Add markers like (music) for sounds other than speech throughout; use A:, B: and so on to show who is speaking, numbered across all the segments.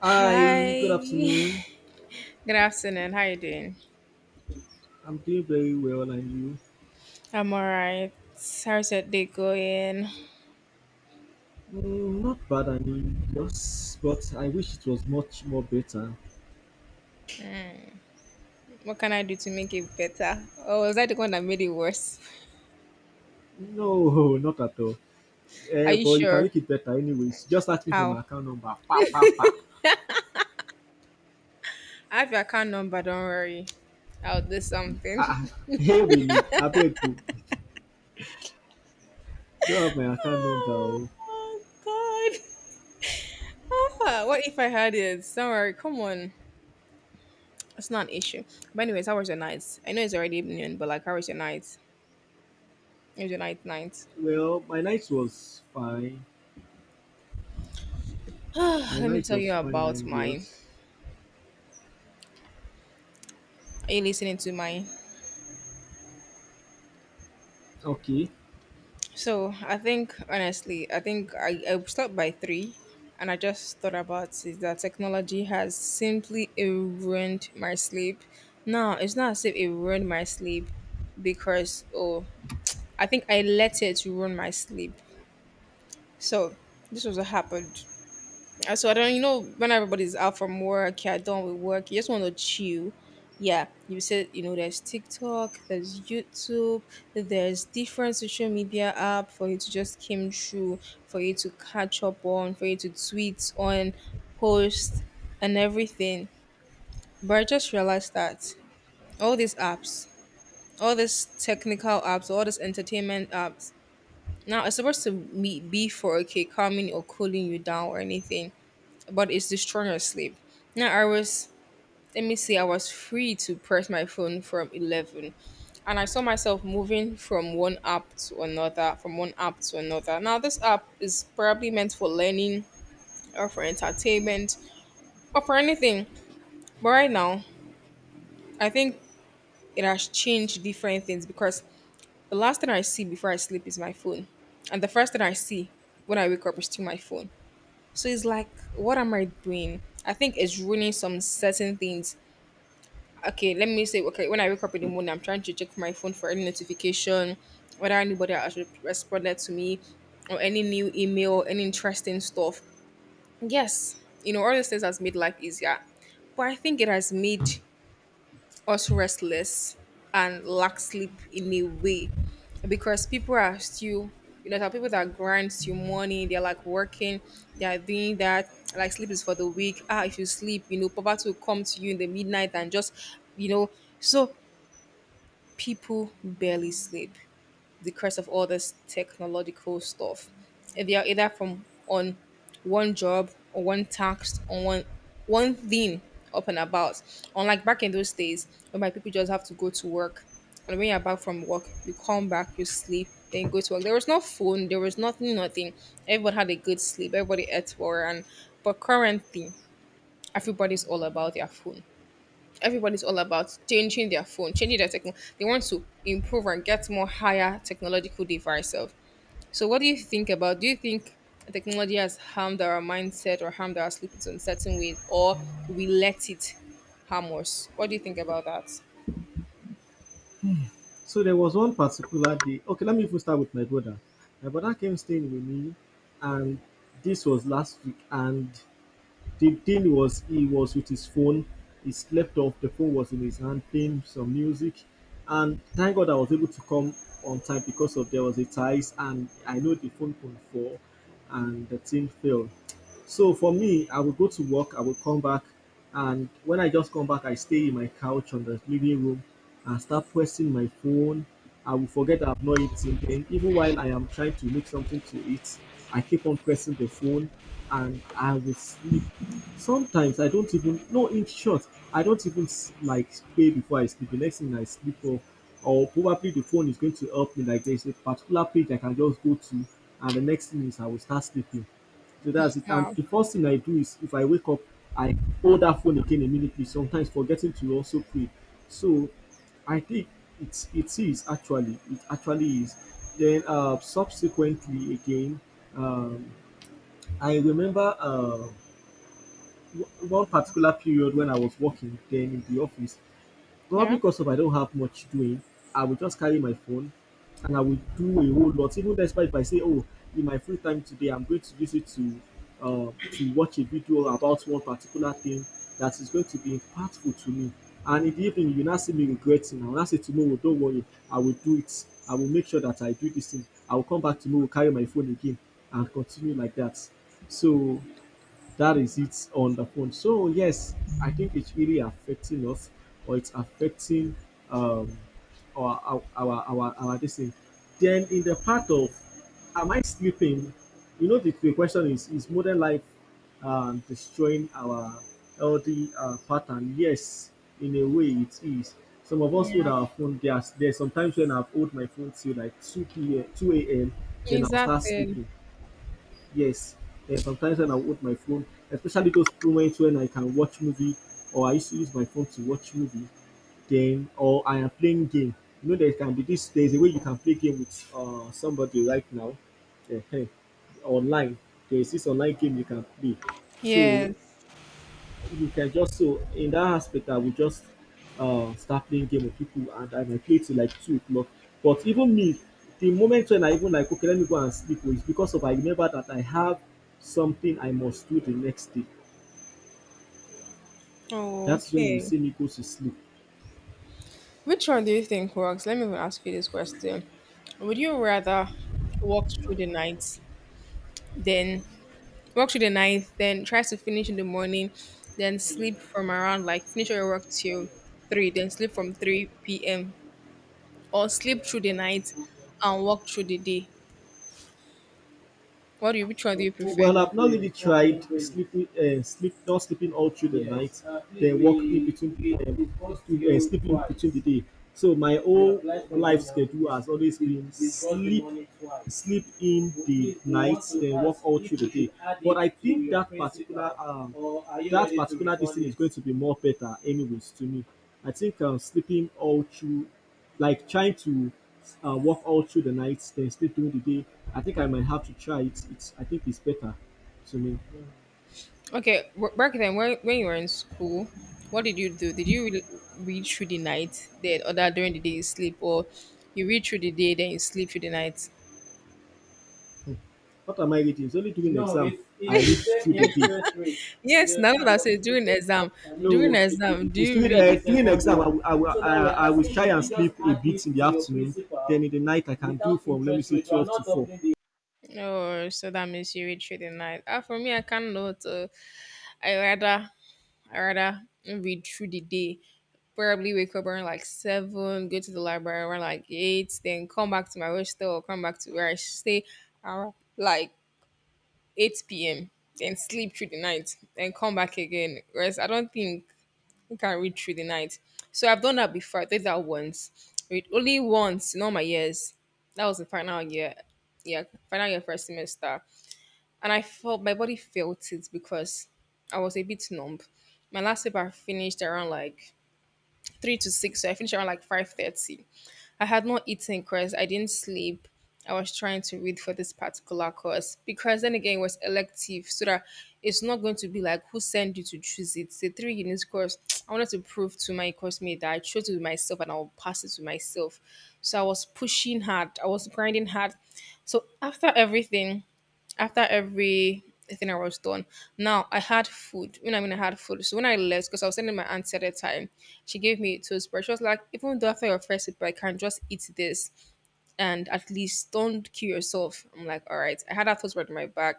A: Hi,
B: Hi.
A: good afternoon.
B: (laughs) Good afternoon. How you doing?
A: I'm doing very well, and you?
B: I'm alright. How's your day going?
A: Mm, not bad, I mean, just, but I wish it was much more better.
B: What can I do to make it better? Or was I the one that made it worse?
A: No, (laughs) not at all.
B: (laughs) Are
A: Eh,
B: you
A: but you can
B: sure?
A: make it better, anyways. Just ask me for my
B: How?
A: account number. Pa pa pa.
B: I have your account number, don't worry. I'll do something.
A: Ah, ah.
B: (laughs)
A: (laughs) Hey Willie, abeg o. Don't have my account number. O.
B: Oh god. Ah, what if I had it? Don't worry, come on. It's not an issue. But anyways, how was your night? I know it's already evening, but like how was your night? It was your night night.
A: Well, my night was fine.
B: (sighs)
A: My
B: Let me
A: night
B: tell you
A: was fine,
B: about
A: and
B: mine.
A: yours?
B: Are you listening to mine?
A: Okay.
B: So I think honestly, I think I stopped by three and I just thought about is that technology has simply ruined my sleep. No, it's not as if it ruined my sleep because oh I think I let it ruin my sleep. So this was what happened. So I don't, you know, when everybody's out from work, you done with work, you just want to chill. Yeah, you said, you know, there's TikTok, there's YouTube, there's different social media app for you to just come through, for you to catch up on, for you to tweet on, post, and everything. But I just realized that all these apps, all these technical apps, all these entertainment apps, now it's supposed to be for okay, calming or cooling you down or anything but it's destroying your sleep. Now I was let me see, I was free to press my phone from 11. And I saw myself moving from one app to another, from one app to another. Now this app is probably meant for learning or for entertainment or for anything. But right now, I think it has changed different things because the last thing I see before I sleep is my phone. And the first thing I see when I wake up is still my phone. So it's like, what am I doing? I think it's ruining some certain things okay, let me say, okay, when I wake up in the morning, I'm trying to check my phone for any notification, whether anybody has responded to me, or any new email, any interesting stuff. Yes, you know, all these things has made life easier, but I think it has made us restless and lack sleep in a way because people are still, you know, there are people that grind till morning, they're like working, they are doing that, like sleep is for the weak. Ah, if you sleep, you know, poverty will come to you in the midnight and just, you know, so people barely sleep because of all this technological stuff. And they are either from on one job or one task or one thing up and about. Unlike back in those days, when my people just have to go to work, and when you're back from work, you come back, you sleep, then you go to work. There was no phone, there was nothing, nothing. Everybody had a good sleep, everybody ate well, and but currently, everybody's all about their phone everybody's all about changing their phone, changing their techno. They want to improve and get more higher technological device of. So, what do you think about? Do you think technology has harmed our mindset or harmed our sleep in some certain ways, or we let it harm us? What do you think about that?
A: So there was one particular day. Okay, let me even start with my brother. My brother came staying with me, and this was last week. And the deal was he was with his phone. He slept off. The phone was in his hand playing some music, and thank God I was able to come on time because of there was a ties and I know the phone couldn't fall, and the team failed. So for me, I would go to work. I would come back, and when I just come back, I stay in my couch on the living room and start pressing my phone. I will forget I've not eaten. Then even while I am trying to make something to eat, I keep on pressing the phone and I will sleep. Sometimes I don't even no, in short, I don't even like pray before I sleep. The next thing I sleep off, or probably the phone is going to help me. Like there's a particular page I can just go to, and the next thing is I will start sleeping. So that's it. And
B: Wow.
A: the first thing I do is if I wake up, I hold that phone again immediately, sometimes forgetting to also pray. So I think it's, it is actually, it actually is. Then subsequently again, um I remember one particular period when I was working then in the office, probably
B: Yeah.
A: because of I don't have much doing, I will just carry my phone and I will do a whole lot. Even despite if I say, oh, in my free time today, I'm going to visit to watch a video about one particular thing that is going to be impactful to me. And in the evening, you now see me regretting. I will now say tomorrow, don't worry, I will do it. I will make sure that I do this thing. I will come back tomorrow, carry my phone again, and continue like that. So that is it on the phone, so yes, I think it's really affecting us, or it's affecting, um our this thing, then in the part of am I sleeping. The question is modern life destroying our healthy pattern. Yes, in a way it is. Some of us hold our phone. There's sometimes when I've hold my phone till like 2 p.m. 2 a.m., then I'll start
B: Exactly.
A: sleeping. Yes, and sometimes when I hold my phone, especially those moments when I can watch movie, or I used to use my phone to watch movie, then, or I am playing game. You know there can be this. There's a way you can play game with somebody right now, eh? Eh, online. There is this online game you can play. So
B: Yes.
A: you can just so in that aspect, I would just start playing game with people, and I might play till like 2 o'clock. But even me, the moment when I even like, okay, let me go and sleep, oh, it's because of I remember that I have something I must do the next day.
B: Oh,
A: That's when you
B: okay.
A: see me go to sleep.
B: Which one do you think works? Let me even ask you this question. Would you rather walk through the night than work through the night, then tries to finish in the morning, then sleep from around like finish your work till three, then sleep from three p.m. or sleep through the night and work through the day. What do you? Which one do you prefer?
A: Well, I've not really tried sleeping, sleep not sleeping all through the night, then walk in between, sleeping between the day. So my whole life schedule has always been sleep in the night, then work all through the day. But I think that particular this thing is going to be more better, anyways, to me. I think I'm sleeping all through, like trying to work all through the night, then sleep during the day. I think I might have to try it. It's, I think it's better to me.
B: Okay, back then when you were in school, what did you do? Did you read through the night, then or that during the day you sleep, or you read through the day then you sleep through the night?
A: What am I reading? It's only during the exam I read through the day.
B: Yes, now that I say during
A: No,
B: exam, do
A: it's
B: you
A: during
B: read?
A: during the exam. I will try and sleep a bit in it the afternoon. Then in the night I can do from let me say 12 to 4.
B: Oh, so that means you read through the night. Ah, for me, I cannot. I rather I rather read through the day. Probably wake up around like seven, go to the library around like eight, then come back to my hostel or come back to where I stay around like eight p.m. Then sleep through the night, then come back again. Whereas I don't think you can read through the night. So I've done that before. I did that once, read only once in all my years. That was the final year, yeah, final year first semester and I felt my body felt it because I was a bit numb. My last paper finished around like three to six, so I finished around like 5:30. I had not eaten because I didn't sleep. I was trying to read for this particular course because then again it was elective, so that it's not going to be like who sent you to choose it. It's a three units course. (tsk) I wanted to prove to my course mate that I chose it with myself and I will pass it to myself. So I was pushing hard. I was grinding hard. So after everything, after every thing I was done. Now I had food. You know, I mean, I had food. So when I left, because I was sending my aunt at the time, she gave me toothbrush. She was like, even though after your first sip, I can just eat this and at least don't kill yourself. I'm like, all right. I had that toothbrush in my bag.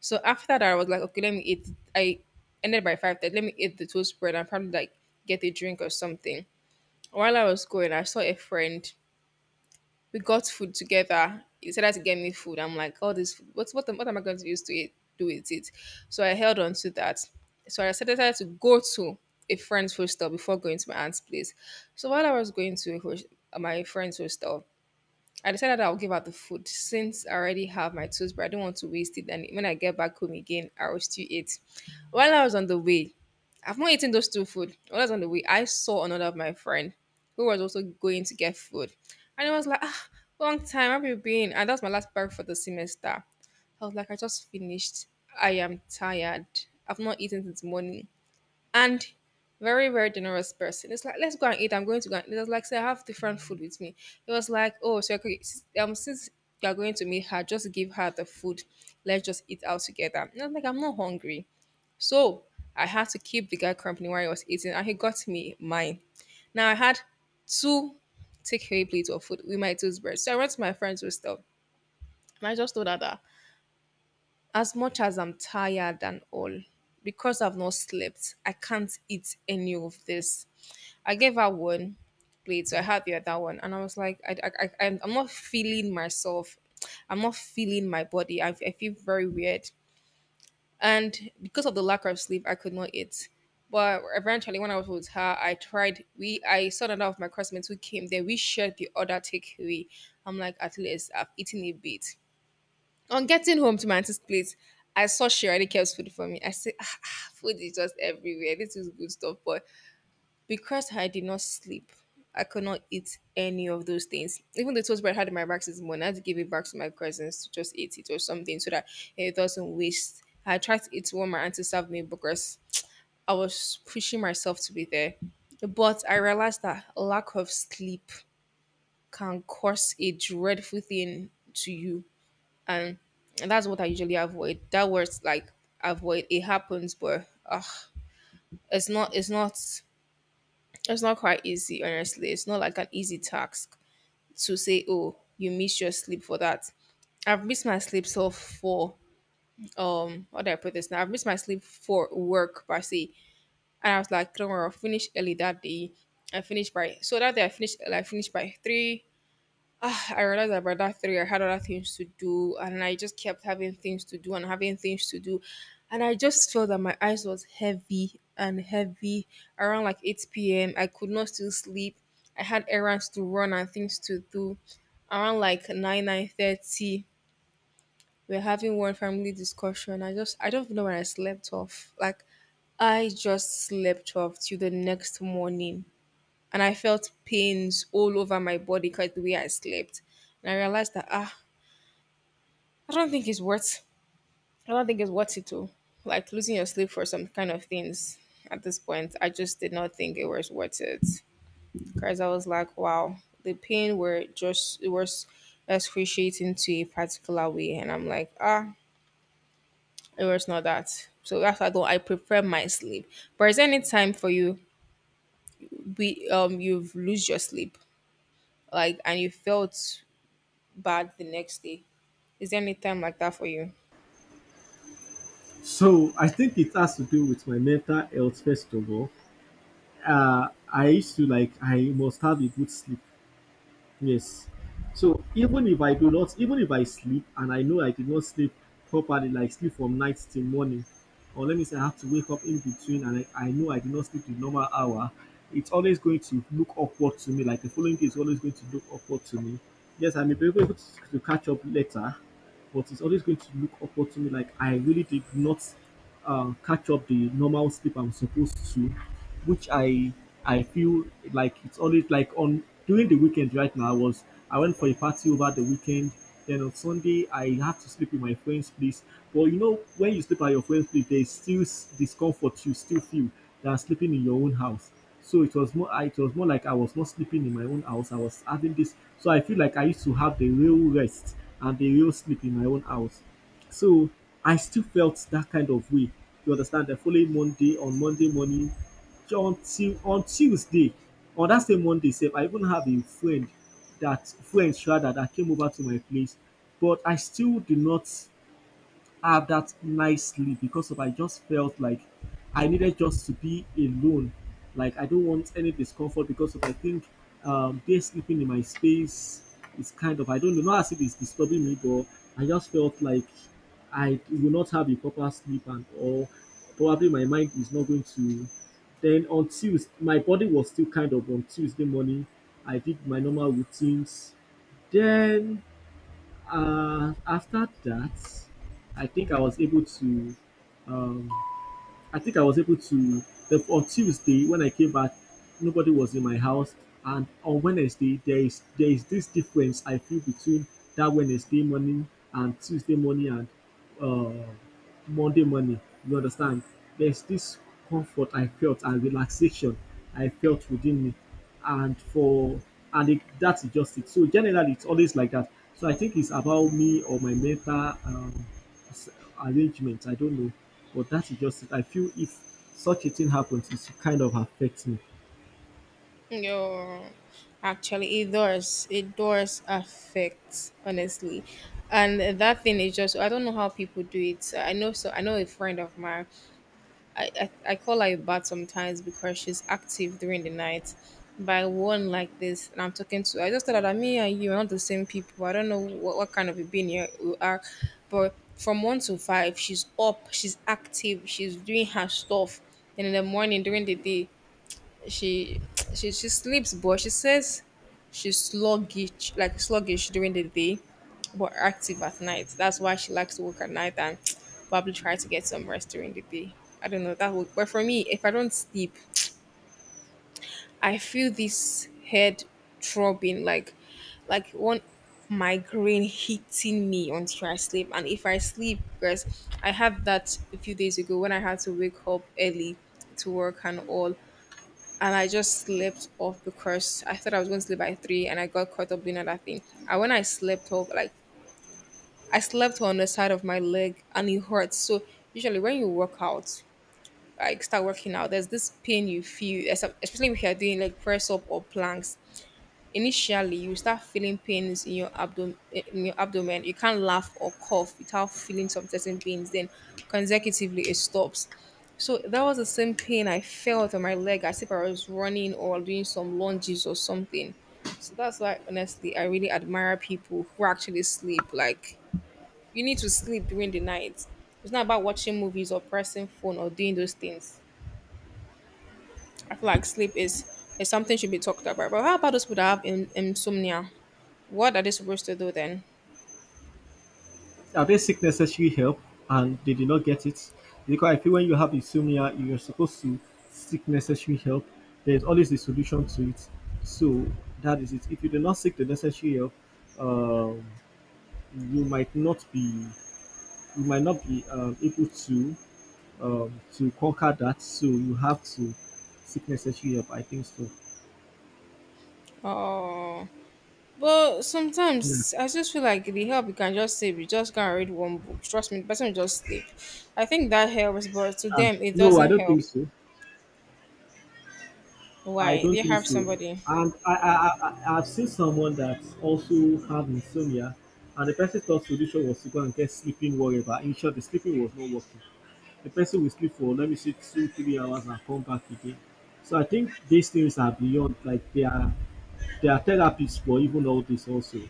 B: So after that, I was like, okay, let me eat. I ended by 5:30. Let me eat the toast bread and probably like get a drink or something. While I was going, I saw a friend we got food together. He decided to get me food. I'm like, all this food, what am I going to use to eat, do with it? So I held on to that. So I decided to go to a friend's hostel before going to my aunt's place. So while I was going to my friend's hostel, I decided I'll give out the food since I already have my tools, but I don't want to waste it. And when I get back home again, I will still eat. While I was on the way, I've not eaten those two food. While I was on the way, I saw another of my friend who was also going to get food. And I was like, ah, long time, have you been? And that's my last bag for the semester. I was like, I just finished. I am tired. I've not eaten since morning and very very generous person. It's like let's go and eat. I'm going to go. And it was like say I have different food with me. It was like oh so okay, since you're going to meet her, just give her the food. Let's just eat out together. And I was like I'm not hungry, so I had to keep the guy company while he was eating, and he got me mine. Now I had two takeaway plates of food with my toothbrush. So I went to my friend's with stuff, and I just told her that as much as I'm tired and all, because I've not slept, I can't eat any of this. I gave her one plate, so I had the other one, and I was like, I'm not feeling myself. I'm not feeling my body. I feel very weird, and because of the lack of sleep, I could not eat. But eventually, when I was with her, I tried. We I saw another of my classmates who came there. We shared the other takeaway. I'm like, at least I've eaten a bit. On getting home to my auntie's place, I saw she already kept food for me. I said, ah, ah, food is just everywhere. This is good stuff, but because I did not sleep, I could not eat any of those things. Even the toast bread I had in my back this morning, I had to give it back to my cousins to just eat it or something so that it doesn't waste. I tried to eat one my auntie served me because I was pushing myself to be there. But I realized that lack of sleep can cause a dreadful thing to you. And that's what I usually avoid. That words like avoid. It happens, but ugh, it's not it's not It's not quite easy, honestly. It's not like an easy task to say, oh, you missed your sleep for that. I've missed my sleep so for how do I put this now? I've missed my sleep for work per se. And I was like, don't worry, I'll finish early that day. I finished by so that day I finished I finished by three. I realized that by that three, I had other things to do, and I just kept having things to do and having things to do, and I just felt that my eyes was heavy and heavy around like eight p.m. I could not still sleep. I had errands to run and things to do. Around like 9, 9:30, we're having one family discussion. I don't know when I slept off. Like I just slept off till the next morning, and I felt pains all over my body because the way I slept. And I realized that I don't think it's worth. I don't think it's worth it to like losing your sleep for some kind of things. At this point, I just did not think it was worth it because I was like, wow, the pain were just it was excruciating to a particular way, and I'm like, it was not that. So that's why I don't. I prefer my sleep. But is there any time for you? We you've lose your sleep like, and you felt bad the next day. Is there any time like that for you?
A: So I think it has to do with my mental health first of all. I used to like I must have a good sleep. Yes. So even if I do not, even if I sleep and I know I did not sleep properly, like sleep from night till morning, or let me say I have to wake up in between, and I know I did not sleep the normal hour, it's always going to look awkward to me. Like the following day is always going to look awkward to me. Yes, I may be able to, catch up later, but it's always going to look upward to me like I really did not catch up the normal sleep I'm supposed to, which I feel like it's always like on, during the weekend right now. I went for a party over the weekend. Then on Sunday I have to sleep in my friend's place. But you know when you sleep at your friend's place, there's still discomfort you still feel than sleeping in your own house. So it was more like I was not sleeping in my own house. I was having this, so I feel like I used to have the real rest and the real sleep in my own house. So I still felt that kind of way. You understand? The following Monday, on Monday morning until on Tuesday, on that same Monday sef, I even have a friend, that friends rather that came over to my place, but I still do not I have that nice sleep because of I just felt like I needed just to be alone. Like I don't want any discomfort because of I think they sleeping in my space is kind of I don't know, not as if it's disturbing me, but I just felt like I will not have a proper sleep and or probably my mind is not going to. Then on Tuesday my body was still kind of, on Tuesday morning I did my normal routines, then after that, I think I was able to. Um, I think I was able to. On Tuesday when I came back, nobody was in my house, and on Wednesday there is this difference I feel between that Wednesday morning and Tuesday morning and uh, Monday morning. You understand? There's this comfort I felt and relaxation I felt within me. And for, and it, that's just it. So generally, it's always like that. So I think it's about me or my mental um, s- arrangement. I don't know, but that is just it. I feel if such a thing happens, it kind of affects me.
B: Yo, actually, it does. It does affect, honestly. And that thing is just, I don't know how people do it. So I know a friend of mine. I call her a bat sometimes because she's active during the night. By one like this, and I'm talking to, I just thought that me and you are not the same people. I don't know what kind of a being you are, but from one to five, she's up, she's active, she's doing her stuff. And in the morning, during the day, she she sleeps, but she says she's sluggish, like sluggish during the day, but active at night. That's why she likes to work at night and (tsk) probably try to get some rest during the day. I don't know that would, but for me, if I don't sleep, I feel this head throbbing, like one migraine hitting me until I sleep. And if I sleep, because I had that a few days ago when I had to wake up early to work and all, and I just slept off because I thought I was going to sleep by three, and I got caught up doing other thing. And when I slept off, like I slept on the side of my leg, and it hurts. So usually when you work out, like start working out, there's this pain you feel, especially if you're doing like press up or planks. Initially, you start feeling pains in your abdomen. In your abdomen, you can't laugh or cough without feeling some certain pains. Then, consecutively, it stops. So that was the same pain I felt on my leg as if I was running or doing some lunges or something. So that's why, honestly, I really admire people who actually sleep. Like, you need to sleep during the night. It's not about watching movies or pressing phone or doing those things. I feel like is something should be talked about. But how about those people that have insomnia? What are they supposed to do then?
A: Are they seek necessary help and they did not get it? Because I feel when you have insomnia, you're supposed to seek necessary help. There's always a solution to it. So that is it. If you do not seek the necessary help, um, you might not be you might not be able to conquer that. So you have to seek necessary help. I think so.
B: Oh, but
A: Yeah.
B: sometimes I just feel like the help you can just sleep. You just can't read one book. Trust me, the person will just sleep. I think that helps, but to
A: Uh,
B: them it
A: no, I
B: doesn't
A: don't
B: help.
A: think so. I
B: Why?
A: don't
B: They
A: think
B: have
A: so.
B: somebody.
A: And I've seen someone that also had insomnia, and the person thought solution was to go and get sleeping wherever. In short, the sleeping was not working. The person will sleep for let me say two, 3 hours and come back again. So I think these things are beyond like they are therapies for even all this also.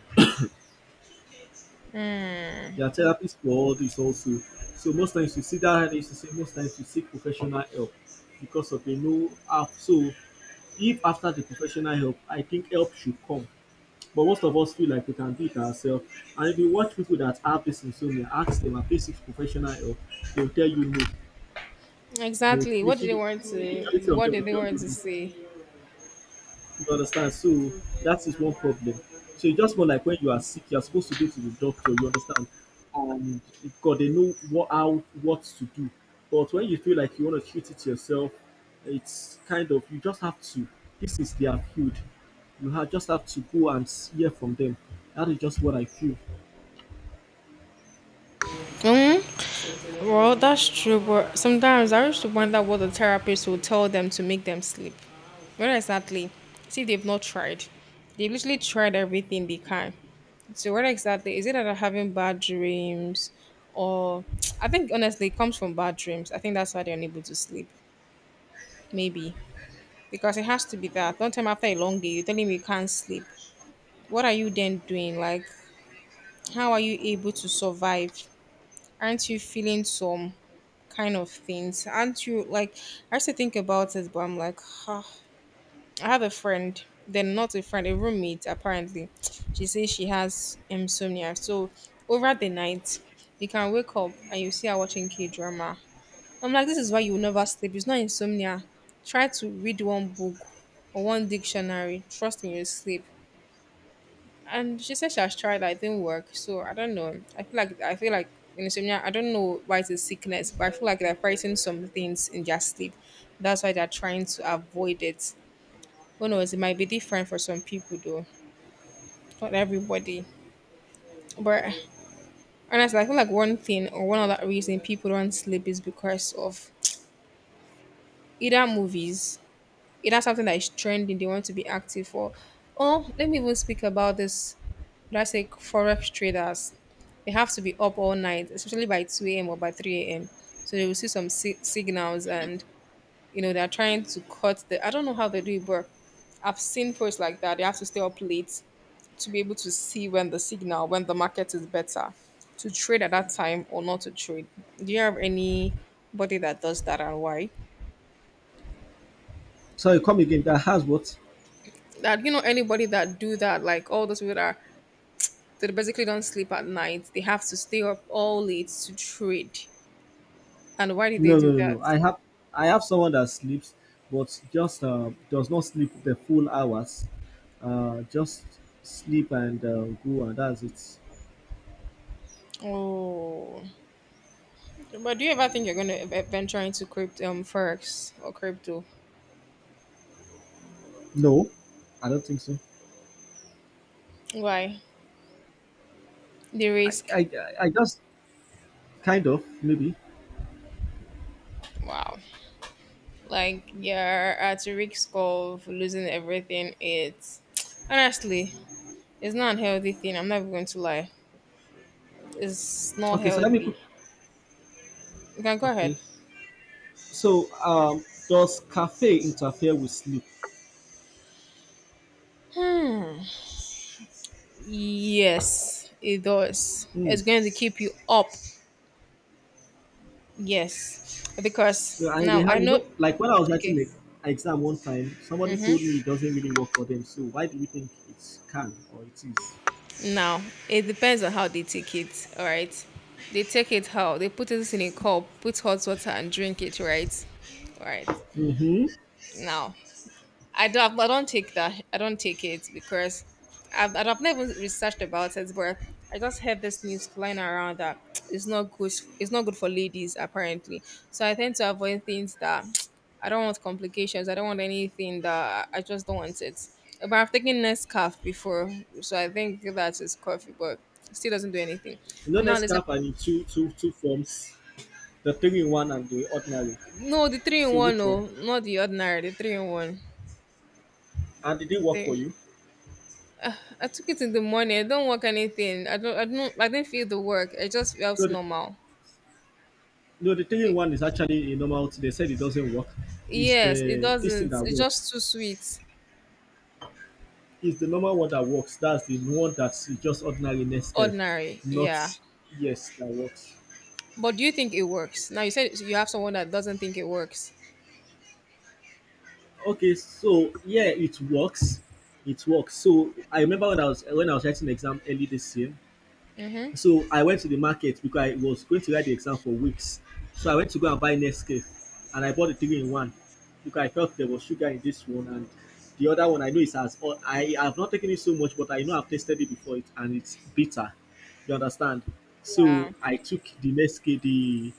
B: Hmm.
A: There are therapy squad is also. So most times you see that is to say most times you seek professional help because of a no app. So if after the professional help, I think help should come. But most of us feel like we can do it ourselves. And if you watch people that have this insomnia, ask them, have they seek professional help? They'll tell you no. They'll
B: Exactly.
A: literally, the majority of
B: What
A: them
B: do
A: will
B: they
A: tell
B: want
A: you
B: to
A: no.
B: say?
A: You understand? So that is one problem. So it's just more like when you are sick, you are supposed to go to the doctor, you understand? And God, they know what how what to do. But when you feel like you want to treat it yourself, it's kind of you just have to. This is their field. You have just have to go and hear from them. That is just what I feel.
B: Hmm. Well, that's true, but sometimes I used to wonder what the therapist would tell them to make them sleep. Not exactly. See, they've not tried. They literally tried everything they can. So what exactly is it that I'm having bad dreams or (tsk) I think honestly it comes from bad dreams. I think that's why they're unable to sleep. Maybe. Because it has to be that. One time after a long day, you're telling me you can't sleep. What are you then doing? Like how are you able to survive? Aren't you feeling some kind of things? Aren't you like I used to think about it, but I'm like, huh, I have a friend, then not a friend, a roommate apparently. (tsk) She says she has insomnia. So over the night, you can wake up and you see her watching K drama. I'm like, this is why you will never sleep. It's not insomnia. Try to read one book or one dictionary. Trust me, you'll sleep. And she said she has tried that, it didn't work. So I don't know. I feel like insomnia, I don't know why it's a sickness, but I feel like they're fighting some things in their sleep. That's why they're trying to avoid it. Who knows? It might be different for some people, though. Not everybody. But honestly, I feel like one thing or one other reason people don't sleep is because of either movies, either something that is trending they want to be active for, or let me even speak about this. Let's say forex traders. They have to be up all night, especially by 2 a.m. or by 3 a.m. So they will see some signals and, you know, they're trying to cut the. I don't know how they do it, but I've seen posts like that. They have to stay up late to be able to see when the signal, when the market is better, to trade at that time or not to trade. Do you have anybody that does that and why?
A: Sorry, come again. That has what?
B: That you know anybody that do that, like all those people that are, they basically don't sleep at night. They have to stay up all late to trade. And why did they
A: No, no,
B: do
A: no, no.
B: that?
A: I have someone that sleeps, but just does not sleep the full hours. Just sleep and go, and that's it.
B: Oh, but do you ever think you're gonna venture into crypto, forex or crypto?
A: No, I don't think so.
B: Why the
A: I,
B: risk?
A: I, I I just kind of maybe.
B: Wow. Like you're at risk of losing everything. It's honestly, it's not a healthy thing. I'm not even going to lie. It's not
A: Okay, so let me
B: healthy.
A: put.
B: You can go ahead.
A: Okay, so does cafe interfere with sleep?
B: Hmm. Yes, it does.
A: Hmm.
B: It's going to keep you up. Yes,
A: Yeah,
B: because
A: I we
B: now I
A: have, you
B: know.
A: know, like when I was writing
B: Okay.
A: the exam one time, somebody told me it doesn't really work for them. So why do you think it can or it is?
B: Now, it depends on how they take it, all right? They take it how? They put it in a cup, put hot water and drink it, right? All right.
A: Mm-hmm.
B: Now, I don't take that. I don't take it because I've never researched about it, but I just heard this news flying around that (tsk) it's not good. It's not good for ladies apparently. So I tend to avoid things that (tsk) I don't want complications. I don't want anything that I just don't want it. But I've taken Nescafe before, so I think that is coffee, but it still doesn't do anything.
A: You know,
B: No, there's a
A: Nescafe are in two forms, the three in one and the ordinary.
B: no the three in
A: So
B: one.
A: which
B: No,
A: one?
B: not the ordinary. The three in one.
A: And did it work for
B: Okay.
A: you?
B: I took it in the morning. I don't work anything. I don't. I don't. I didn't feel the work. It just felt
A: No, the,
B: normal.
A: no, the three in one is actually a normal. They said it doesn't work. It's
B: Yes, it
A: the this thing
B: doesn't.
A: that
B: It's just too
A: works.
B: sweet,
A: It's the normal one that works. That's the one that's just ordinary Nescafe,
B: ordinary.
A: not
B: Yeah.
A: yes that works.
B: But do you think it works? Now you said you have someone that doesn't think it works.
A: Okay, so yeah, it works. It works. So I remember when I was writing exam early this year.
B: Mm-hmm.
A: So I went to the market because I was going to write the exam for weeks. So I went to go and buy Nescafe and I bought the three in one because I felt there was sugar in this one, and the other one I know is as al- I have not taken it so much, but I know I've tasted it before it and it's bitter. You understand? So
B: Yeah.
A: I took the Nescafe the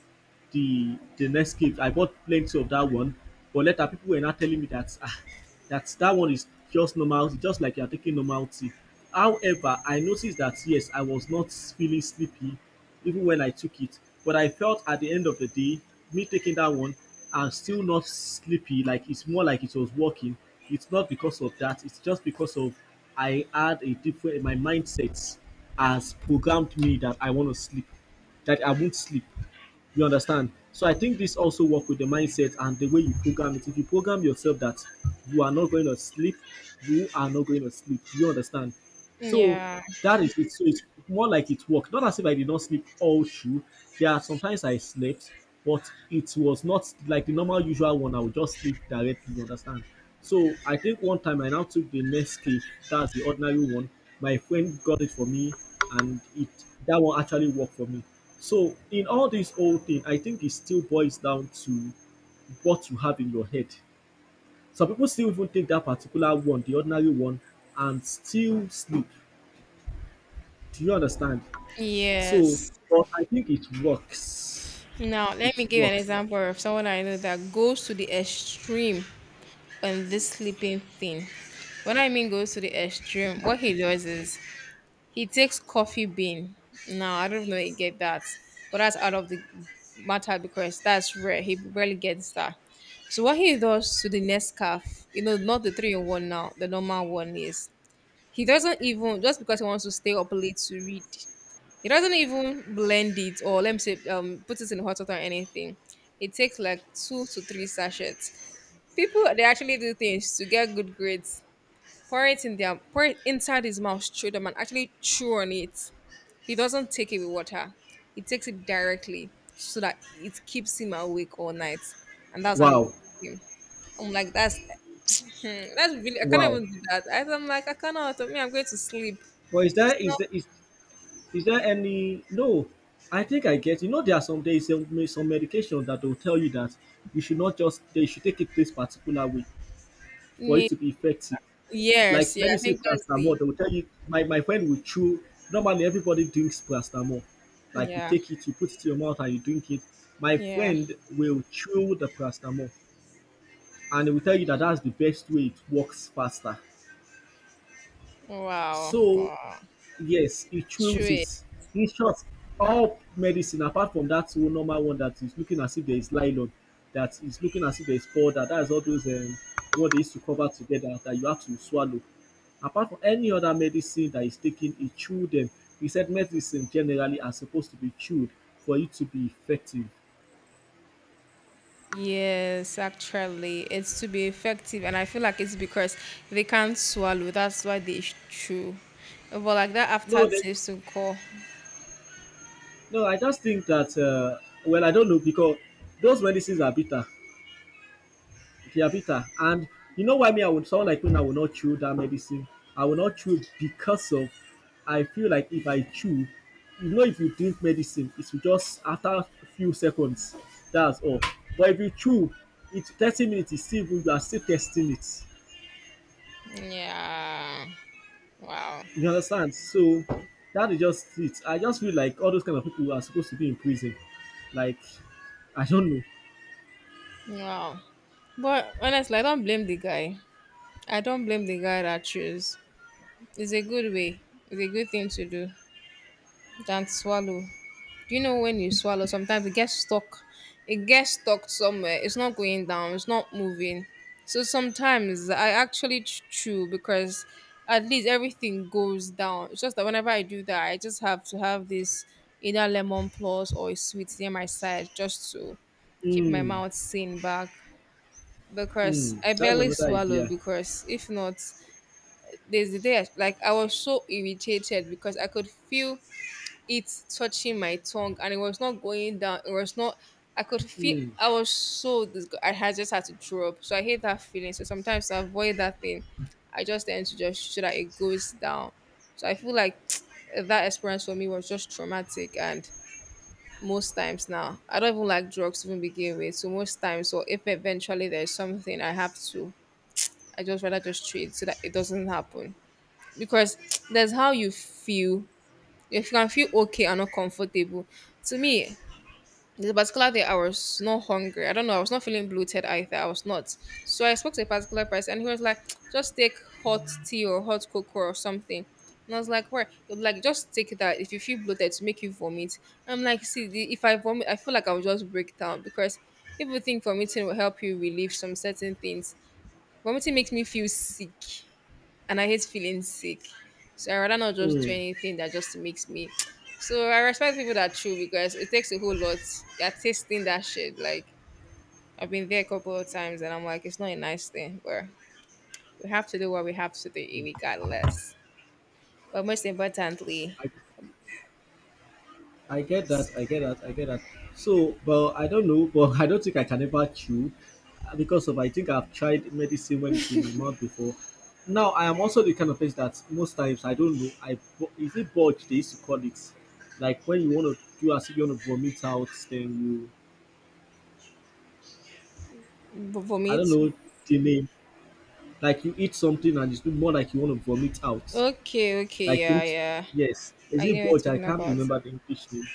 A: the the next gift. I bought plenty of that one, but later people were now telling me that ah, that that one is just normal tea, just like you are taking normal tea. However, I noticed that yes, I was not feeling sleepy even when I took it, but I felt at the end of the day, me taking that one, I'm still not sleepy. Like it's more like it was working. It's not because of that. It's just because of I had a different my mindset has programmed me that I want to sleep, that I won't sleep. You understand? So I think this also work with the mindset and the way you program it. If you program yourself that you are not going to sleep, you are not going to sleep. Do you understand? So
B: Yeah.
A: that is it. So it's more like it worked. Not as if I did not sleep all through. There are sometimes I slept, but it was not like the normal usual one. I would just sleep directly, you understand? So I think one time I now took the Nescafe, that's the ordinary one. My friend got it for me, and it that one actually worked for me. So in all this whole thing, I think it still boils down to what you have in your head. Some people still even take that particular one, the ordinary one, and still sleep. Do you understand? So
B: Yes.
A: but I think it works.
B: Now let
A: It
B: me give an
A: works.
B: example of someone I know that goes to the extreme on this sleeping thing. When I mean goes to the extreme, what he does is he takes coffee bean. No, I don't know if he get that. But that's out of the matter because that's rare. He barely gets that. So what he does to the Nescaf, you know, not the three in one now, the normal one is he doesn't even just because he wants to stay up late to read, he doesn't even blend it or let me say put it in hot water or anything. It takes like two to three sachets. People they actually do things to get good grades pour it inside his mouth, chew them, and actually chew on it. He doesn't take it with water. He takes it directly so that it keeps him awake all night. And that's how he
A: Wow.
B: works with him. I'm like, that's hmm, that's really I can't
A: Wow.
B: even do that. I'm like, I cannot me, I'm going to sleep.
A: But
B: It's not
A: is there any, no, I think I get, you know, there are some days some medication that will tell you that you should not just you should take it this particular way for it
B: need
A: to be effective.
B: yes,
A: Like let
B: yeah,
A: me
B: I
A: say
B: think that's the
A: paracetamol, they will tell you my friend will chew, normally everybody drinks paracetamol. Like you
B: yeah,
A: take it, you put it to your mouth and you drink it. My
B: yeah.
A: friend will chew the paracetamol and they will tell you that that's the best way, it works faster.
B: Wow,
A: So
B: wow.
A: yes, he chose
B: True.
A: it. In short, all medicine apart from that one normal one that is looking as if there is nylon, that is looking as if there is powder, that is all those what they used to cover together that you have to swallow. Apart from any other medicine that is taken, he chewed them. He said medicine generally are supposed to be chewed for it to be effective.
B: Yes, actually, it's to be effective, and I feel like it's because they can't swallow. That's why they chew. But like that
A: No, they,
B: aftertaste will call.
A: no, I just think that well, I don't know because those medicines are bitter. Their bitter. And you know why me, I would sound like when I will not chew that medicine. I will not chew because of I feel like if I chew, you know, if you drink medicine, it's just after a few seconds. That's all. But if you chew, it's 30 minutes, it's still good, you are still testing it.
B: Yeah. Wow.
A: You understand? So that is just it. I just feel like all those kind of people are supposed to be in prison. Like, I don't know.
B: Wow. But honestly, I don't blame the guy. I don't blame the guy that chose. It's a good way. It's a good thing to do than to swallow. Do you know when you swallow, sometimes it gets stuck. It gets stuck somewhere. It's not going down. It's not moving. So sometimes I actually chew because at least everything goes down. It's just that whenever I do that, I just have to have this either lemon plus or a sweet near my side just to keep my
A: Mm,
B: mouth sane back because
A: mm,
B: I
A: that's
B: barely
A: another
B: swallow
A: idea.
B: because if not, there's the day I, like I was so irritated because I could feel it touching my tongue and it was not going down. It was not, I could feel,
A: Mm,
B: I was so disgusted. I had just had to throw up. So I hate that feeling. So sometimes to avoid that thing, I just tend to just so that it goes down. So I feel like (tsk) that experience for me was just traumatic. And most times now, I don't even like drugs to even begin with. So most times, or if eventually there's something I have to, I just rather just treat so that it doesn't happen. Because (tsk) there's how you feel if you can feel okay and not comfortable. To me, the particular day I was not hungry. I don't know. I was not feeling bloated either. I was not. So I spoke to a particular person and he was like, just take hot tea or hot cocoa or something. And I was like, where? He was like, just take that. If you feel bloated, to make you vomit. I'm like, see, the, if I vomit, I feel like I'll just break down because people think vomiting will help you relieve some certain things. Vomiting makes me feel sick and I hate feeling sick. So I rather not just do
A: mm.
B: anything that just makes me. So I respect people that chew because it takes a whole lot. They're tasting that shit. Like I've been there a couple of times and I'm like, it's not a nice thing, but we have to do what we have to do regardless. But most importantly,
A: I I get that. I get that. I get that. So, but I don't know. But (laughs) I don't think I can ever chew because of I think I've tried medicine when it's in my mouth before. Now I am also the kind of person that most times I don't know. I bu- is it bulge they used to call it, like when you want to do as if you want to vomit out, then you I don't
B: vomit.
A: know the name. Like you eat something and it's no more like you want to vomit out.
B: Okay, okay,
A: Like you,
B: yeah, yeah.
A: yes. Is
B: I know
A: it
B: what
A: bulge?
B: you're
A: I
B: talking
A: can't
B: about.
A: remember the English name.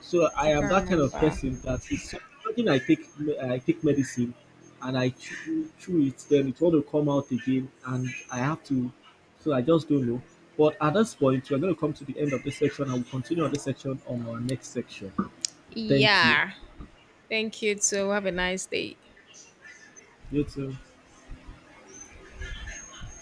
A: So I
B: I
A: am
B: can't
A: that kind of
B: remember.
A: person that is so- imagine I take me- I take medicine and I chew it, then it want to come out again, and I have to. So I just don't know. But at this point, we're going to come to the end of this section, and we'll continue on this section on our next section. Thank you.
B: Yeah. Thank you too. Have a nice day.
A: You too.